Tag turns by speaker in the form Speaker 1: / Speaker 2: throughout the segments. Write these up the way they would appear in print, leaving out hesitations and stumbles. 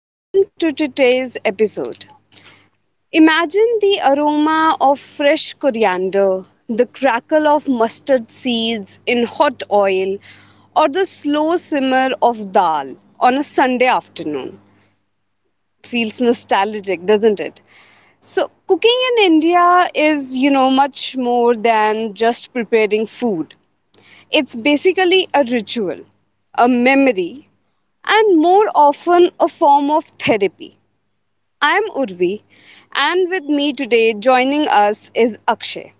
Speaker 1: Welcome to today's episode. Imagine the aroma of fresh coriander, the crackle of mustard seeds in hot oil, or the slow simmer of dal on a Sunday afternoon. Feels nostalgic, doesn't it? So, cooking in India is, much more than just preparing food. It's basically a ritual, a memory, and more often a form of therapy. I'm Urvi, and with me today joining us is Akshay.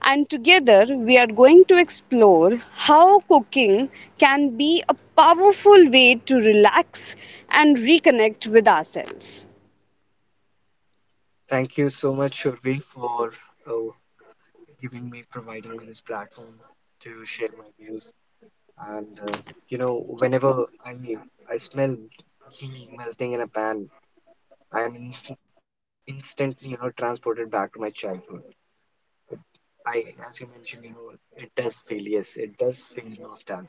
Speaker 1: And together we are going to explore how cooking can be a powerful way to relax and reconnect with ourselves.
Speaker 2: Thank you so much, Shurvi, for uh, providing me this platform to share my views. And uh, whenever I smell ghee melting in a pan, I'm instantly, you know, transported back to my childhood. I, as you mentioned, you know, yes, it does feel nostalgic.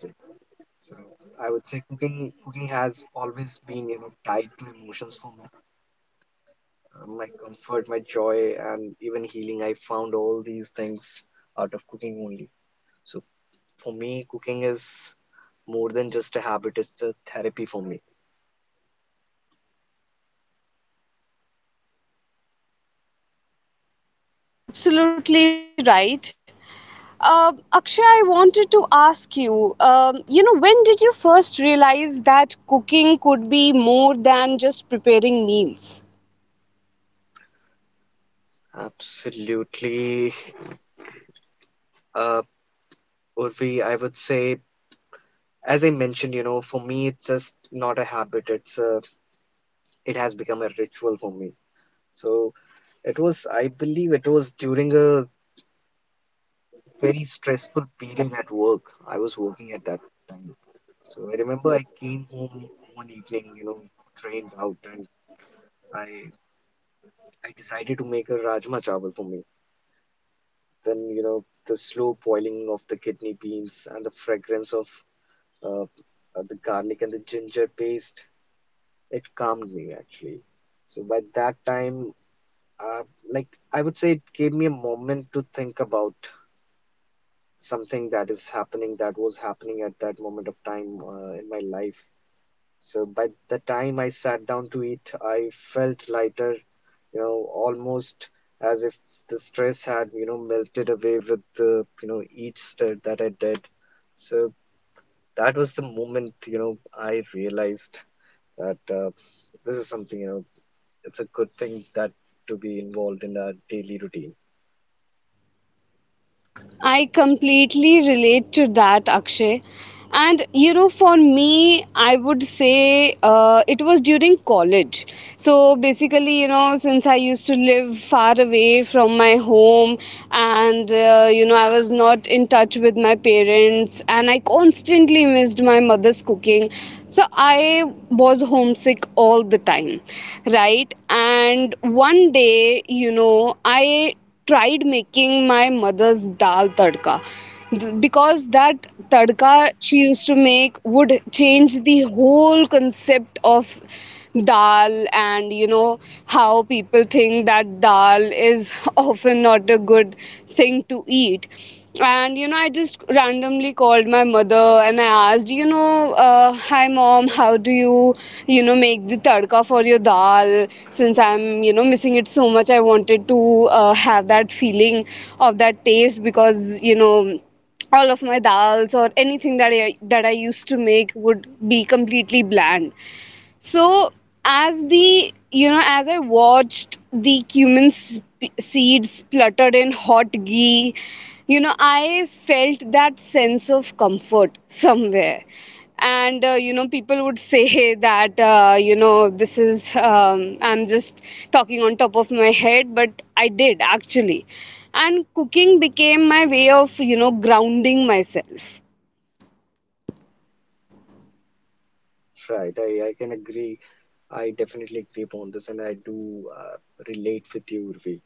Speaker 2: So I would say cooking has always been, you know, tied to emotions for me. My comfort, my joy, and even healing. I found all these things out of cooking only. So for me, cooking is more than just a habit, it's a therapy for me.
Speaker 1: That's absolutely right. Akshay, I wanted to ask you, you know, when did you first realize that cooking could be more than just preparing meals?
Speaker 2: Absolutely. Uh, Urvi, I would say, as I mentioned, you know, for me, it's just not a habit, it has become a ritual for me. So I believe it was during a very stressful period at work. I was working at that time. So I remember I came home one evening, you know, drained out, and I I decided to make a rajma chawal for me. Then, you know, the slow boiling of the kidney beans and the fragrance of uh, the garlic and the ginger paste, it calmed me actually. So by that time, uh, like I would say, it gave me a moment to think about something that is happening, that was happening at that moment of time in my life. So by the time I sat down to eat, I felt lighter, you know, almost as if the stress had melted away with each stir that I did. So that was the moment, you know, I realized that this is something, you know, it's a good thing that to be involved in our daily routine.
Speaker 1: I completely relate to that, Akshay. And you know, for me, I would say it was during college. So basically, you know, since I used to live far away from my home and, you know, I was not in touch with my parents and I constantly missed my mother's cooking. So I was homesick all the time, right? And one day, you know, I tried making my mother's dal tadka. Because that tadka she used to make would change the whole concept of dal, and you know how people think that dal is often not a good thing to eat. And you know, I just randomly called my mother and I asked, you know, hi mom, how do you, you know, make the tadka for your dal, since I'm, you know, missing it so much. I wanted to have that feeling of that taste, because you know, all of my dals or anything that I used to make would be completely bland. So as the, you know, as I watched the cumin seeds spluttered in hot ghee, you know, I felt that sense of comfort somewhere. And you know, people would say that you know, this is I'm just talking on top of my head, but I did actually. And cooking became my way of, you know, grounding myself.
Speaker 2: Right, I can agree. I definitely agree upon this, and I do relate with you, Urvi.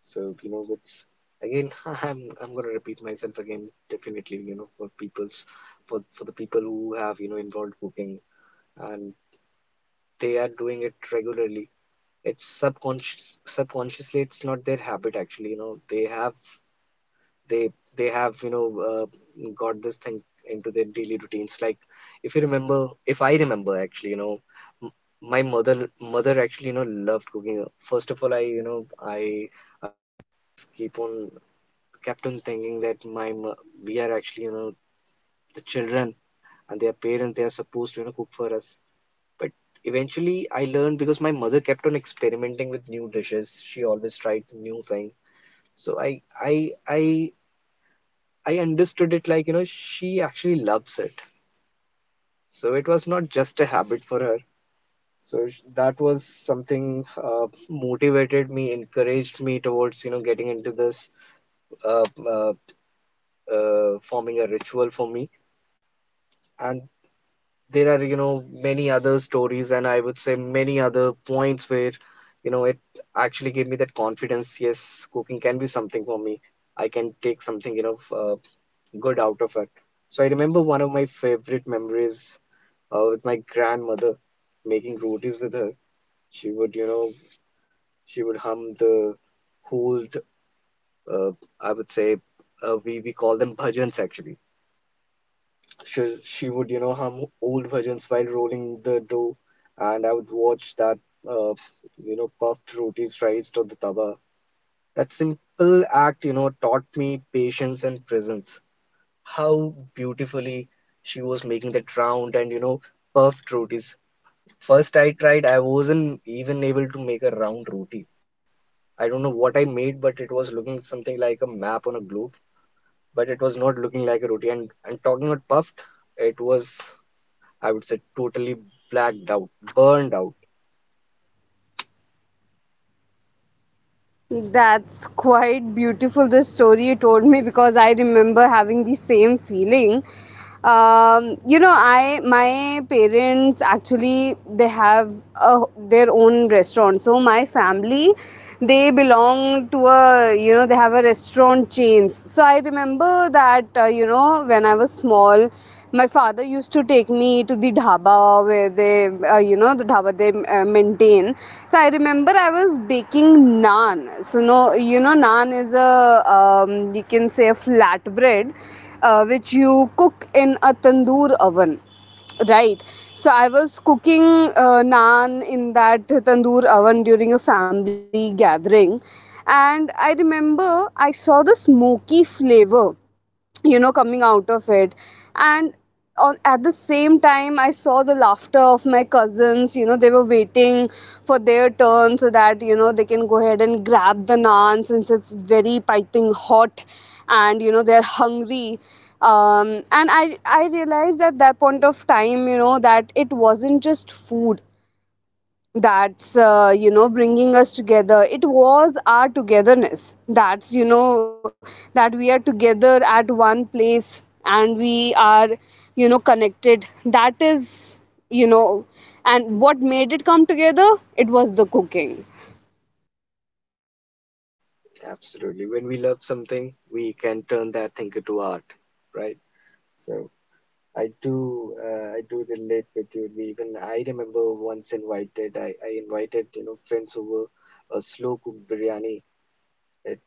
Speaker 2: So you know, it's again, I'm gonna repeat myself again. Definitely, you know, for the people who have, you know, involved cooking and they are doing it regularly. It's subconsciously. It's not their habit actually. You know, they they have, you know, got this thing into their daily routines. Like if I remember actually, you know. m- My mother, mother actually, you know, loved cooking. First of all, I keep on kept on thinking that my we are actually, you know, the children and their parents, they are supposed to, you know, cook for us. But eventually I learned, because my mother kept on experimenting with new dishes. She always tried new thing. So i i I understood it like, you know, she actually loves it. So it was not just a habit for her. So that was something uh, motivated me, encouraged me towards, you know, getting into this uh, uh, forming a ritual for me. And there are, you know, many other stories, and I would say many other points where, you know, it actually gave me that confidence. Yes, cooking can be something for me. I can take something, you know, good out of it. So I remember one of my favorite memories, with my grandmother, making rotis with her. she would you know she would hum the whole uh, I would say we call them bhajans actually. She would, you know, hum old bhajans while rolling the dough, and I would watch that uh, you know, puffed roti sliced on the tawa. That simple act, you know, taught me patience and presence. How beautifully she was making that round and, you know, puffed rotis. First I tried, I wasn't even able to make a round roti. I don't know what I made, but it was looking something like a map on a globe. But it was not looking like a roti. And talking about puffed, it was, I would say, totally blacked out, burned out.
Speaker 1: That's quite beautiful, the story you told me, because I remember having the same feeling. You know, I my parents actually, they have a, their own restaurant. So my family, they belong to a, you know, they have a restaurant chains. So I remember that, you know, when I was small, my father used to take me to the dhaba where they, you know, the dhaba they maintain. So I remember I was baking naan. So no, you know, naan is a, you can say, a flatbread, which you cook in a tandoor oven. Right. So I was cooking naan in that tandoor oven during a family gathering, and I remember I saw the smoky flavor, you know, coming out of it. And on, at the same time, I saw the laughter of my cousins. You know, they were waiting for their turn so that, you know, they can go ahead and grab the naan, since it's very piping hot and you know, they're hungry. And I realized at that point of time, you know, that it wasn't just food that's, you know, bringing us together. It was our togetherness that's, you know, that we are together at one place and we are, you know, connected. That is, you know, and what made it come together, it was the cooking.
Speaker 2: Absolutely. When we love something, we can turn that thing into art, right? So I do relate with you. We Even I remember once I invited, you know, friends over a slow cooked biryani. It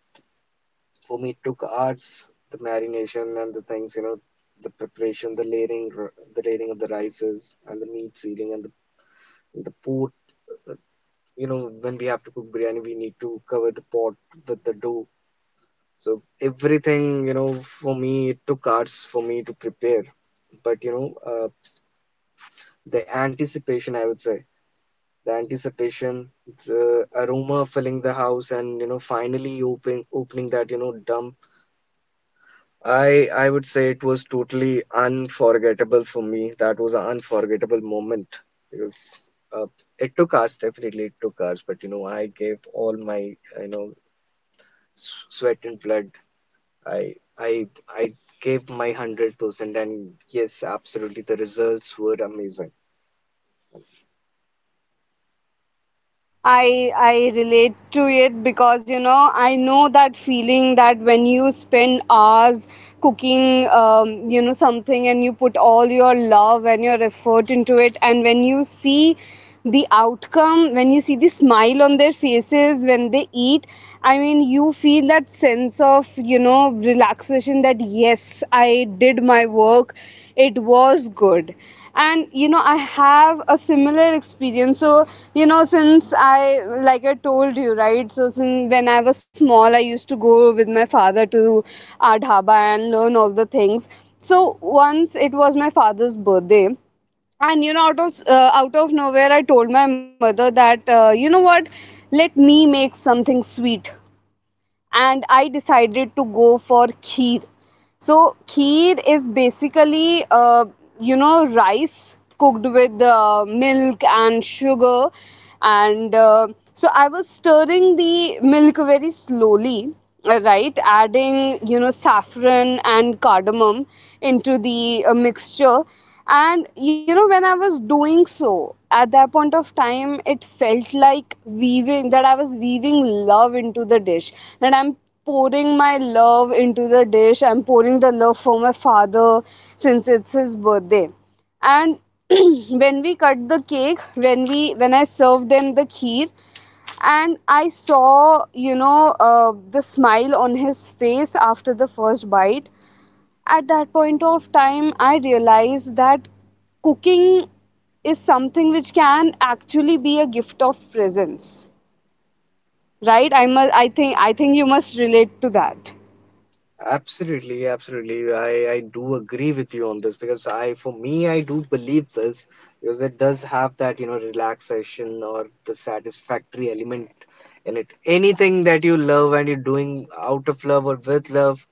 Speaker 2: For me it took hours, the marination and the things, you know, the preparation, the layering of the rices and the meat sealing and the pot. uh, You know, when we have to cook biryani, we need to cover the pot with the dough. So everything, you know, for me, it took hours for me to prepare. But you know, the anticipation, I would say, the anticipation, the aroma filling the house, and you know, finally opening that, you know, dump. I would say it was totally unforgettable for me. That was an unforgettable moment because, uh, it took hours, definitely it took hours. But you know, I gave all my, you know, sweat and blood. I I I gave my 100%, and yes, absolutely, the results were amazing.
Speaker 1: I relate to it because you know, I know that feeling that when you spend hours cooking you know, something, and you put all your love and your effort into it, and when you see the outcome, when you see the smile on their faces when they eat, I mean, you feel that sense of, you know, relaxation that yes, I did my work, it was good. And you know, I have a similar experience. So you know, since I, like I told you, right, so since when I was small, I used to go with my father to our dhaba and learn all the things. So once it was my father's birthday, and you know, out of nowhere, I told my mother that, you know what, let me make something sweet. And I decided to go for kheer. So kheer is basically, you know, rice cooked with milk and sugar, and so I was stirring the milk very slowly, right? Adding, you know, saffron and cardamom into the mixture. And you know, when I was doing so, at that point of time, it felt like weaving, that I was weaving love into the dish, that I'm pouring my love into the dish. I'm pouring the love for my father, since it's his birthday. And when we cut the cake, when I served them the kheer, and I saw, you know, the smile on his face after the first bite. At that point of time, I realized that cooking is something which can actually be a gift of presence, right? I must. I think. I think you must relate to that.
Speaker 2: Absolutely. I do agree with you on this because for me, I do believe this because it does have that, you know, relaxation or the satisfactory element in it. Anything that you love and you're doing out of love or with love,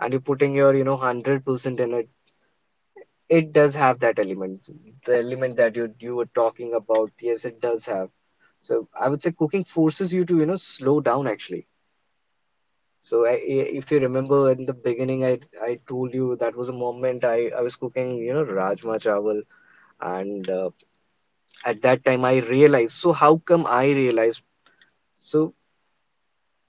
Speaker 2: and you're putting your, you know, 100%. It does have that element, the element that you were talking about. Yes, it does have. So I would say cooking forces you to, you know, slow down actually. So if you remember in the beginning, I told you that was a moment I was cooking, you know, rajma chawal, and at that time I realized. So how come I realized? So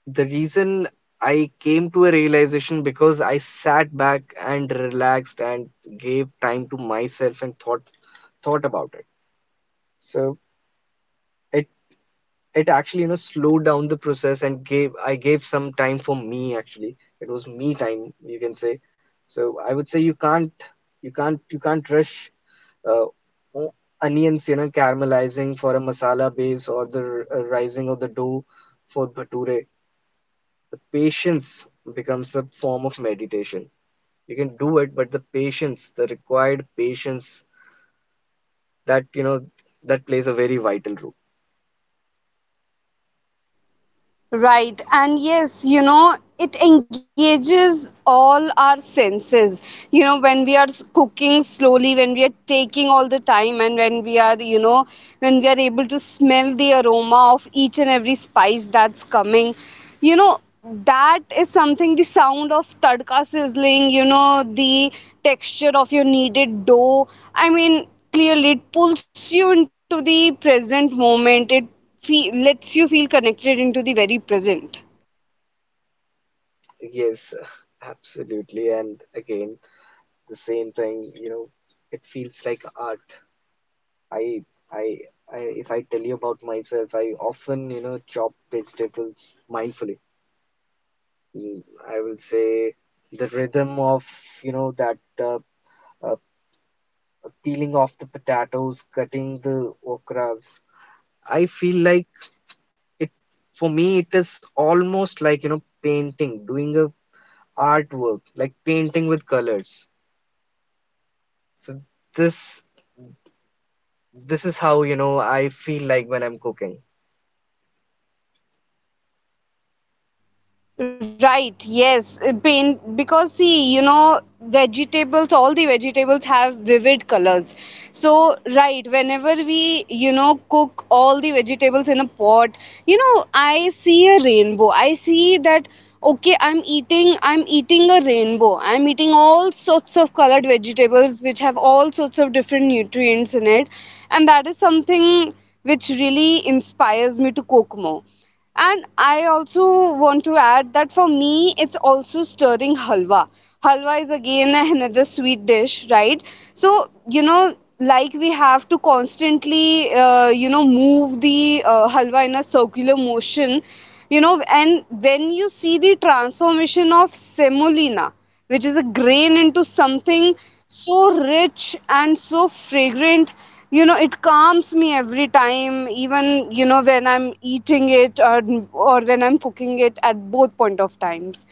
Speaker 2: the reason I came to a realization because I sat back and relaxed and gave time to myself and thought about it. So. it. It actually, you know, slowed down the process and gave I gave some time for me actually. It was me time, you can say. So I would say you can't rush uh, o- onions, you know, caramelizing for a masala base or the rising of the dough for bhature. The patience becomes a form of meditation. You can do it, but the required patience, that, you know, that plays a very vital role.
Speaker 1: Right, and yes, you know, it engages all our senses. You know, when we are cooking slowly, when we are taking all the time, and when we are, you know, when we are able to smell the aroma of each and every spice that's coming, you know, that is something, the sound of tadka sizzling, you know, the texture of your kneaded dough. I mean, clearly, it pulls you into the present moment. It lets you feel connected into the very present.
Speaker 2: Yes, absolutely. And again, the same thing, you know, it feels like art. i i I, if I tell you about myself, I often, you know, chop vegetables mindfully. Mm, I will say the rhythm of, you know, that uh, uh, peeling off the potatoes, cutting the okras. I feel like it, for me, it is almost like, you know, painting, doing a artwork, like painting with colors. So this, this is how, you know, I feel like when I'm cooking.
Speaker 1: Right, yes. Because see, you know, vegetables, all the vegetables have vivid colors. So, right, whenever we, you know, cook all the vegetables in a pot, you know, I see a rainbow. I see that, okay, I'm eating a rainbow. I'm eating all sorts of colored vegetables which have all sorts of different nutrients in it. And that is something which really inspires me to cook more. And I also want to add that for me, it's also stirring halwa. Halwa is again another sweet dish, right? So, you know, like we have to constantly, you know, move the halwa in a circular motion, you know, and when you see the transformation of semolina, which is a grain, into something so rich and so fragrant, you know, it calms me every time. Even, you know, when I'm eating it, or when I'm cooking it, at both point of times.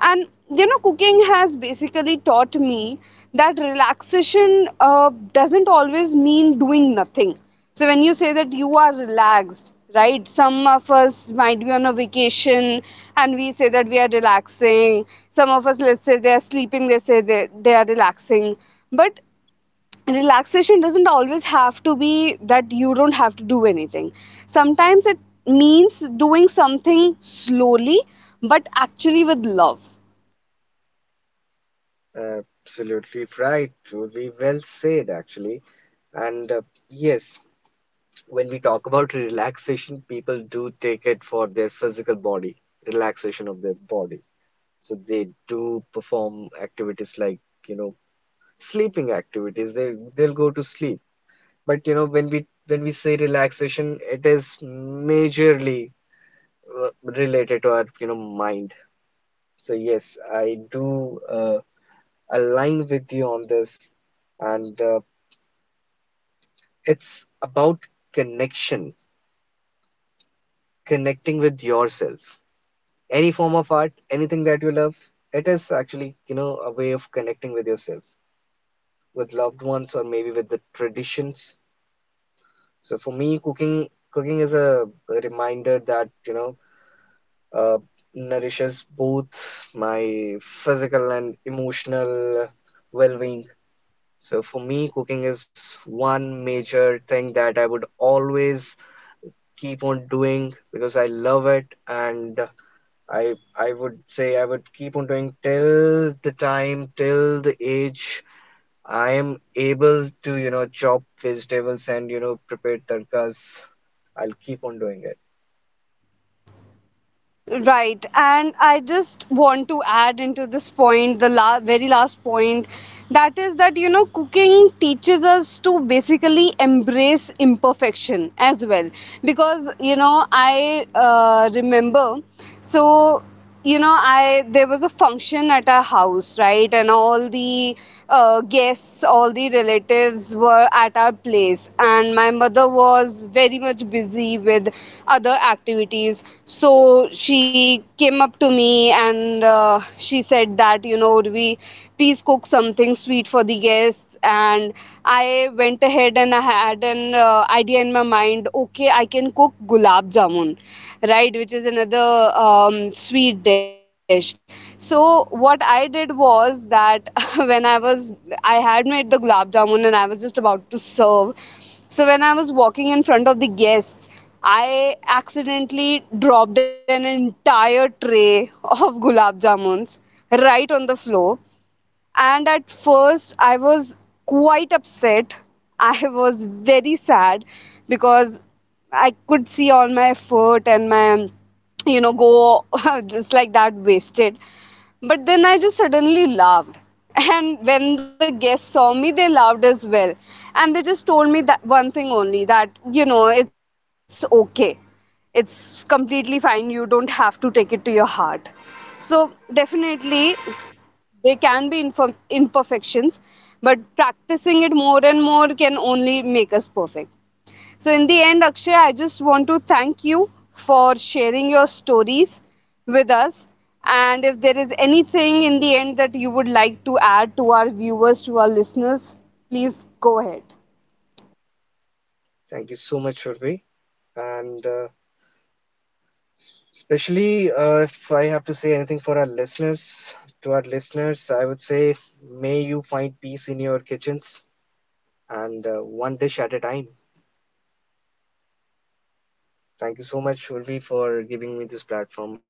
Speaker 1: And you know, cooking has basically taught me that relaxation doesn't always mean doing nothing. So when you say that you are relaxed, right? Some of us might be on a vacation and we say that we are relaxing. Some of us, let's say they are sleeping, they say they are relaxing. But relaxation doesn't always have to be that you don't have to do anything. Sometimes it means doing something slowly, but actually with love.
Speaker 2: Absolutely right. We Well said, actually. And yes, when we talk about relaxation, people do take it for their physical body, relaxation of their body. So they do perform activities like, you know, sleeping activities. They they'll go to sleep. But you know, when we say relaxation, it is majorly uh, related to our, you know, mind. So yes, I do align with you on this, and it's about connection, connecting with yourself. Any form of art, anything that you love, it is actually, you know, a way of connecting with yourself, with loved ones, or maybe with the traditions. So for me, cooking is a reminder that, you know, uh, nourishes both my physical and emotional well-being. So for me, cooking is one major thing that I would always keep on doing because I love it. And I would say I would keep on doing till the time, till the age I am able to, you know, chop vegetables and, you know, prepare tadkas. I'll keep on doing it.
Speaker 1: Right, and I just want to add into this point the very last point, that is that you know, cooking teaches us to basically embrace imperfection as well, because you know, I remember, so you know, I there was a function at our house, right? And all the guests, all the relatives were at our place, and my mother was very much busy with other activities. So she came up to me and she said that, you know, we, please cook something sweet for the guests. And I went ahead and I had an idea in my mind, okay, I can cook gulab jamun, right, which is another um, sweet dish. So what I did was that when I was, I had made the gulab jamun and I was just about to serve. So when I was walking in front of the guests, I accidentally dropped an entire tray of gulab jamuns right on the floor. And at first, I was quite upset. I was very sad because I could see all my effort and my, you know, go just like that wasted. But then I just suddenly laughed. And when the guests saw me, they laughed as well. And they just told me that one thing only, that, you know, it's okay. It's completely fine. You don't have to take it to your heart. So, definitely, they can be imperfections, but practicing it more and more can only make us perfect. So, in the end, Akshay, I just want to thank you for sharing your stories with us. And if there is anything in the end that you would like to add to our viewers, to our listeners, please go ahead.
Speaker 2: Thank you so much, Shurvi. And especially if I have to say anything to our listeners, I would say may you find peace in your kitchens, and one dish at a time. Thank you so much, Shurvi, for giving me this platform.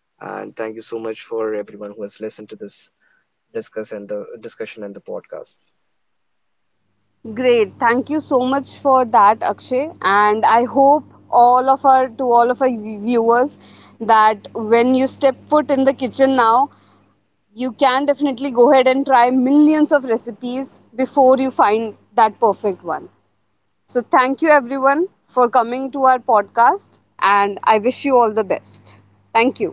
Speaker 2: And thank you so much for everyone who has listened to this discussion and the podcast.
Speaker 1: Great. Thank you so much for that, Akshay. And I hope all of our to all of our viewers that when you step foot in the kitchen now, you can definitely go ahead and try millions of recipes before you find that perfect one. So, thank you everyone for coming to our podcast, and I wish you all the best. Thank you.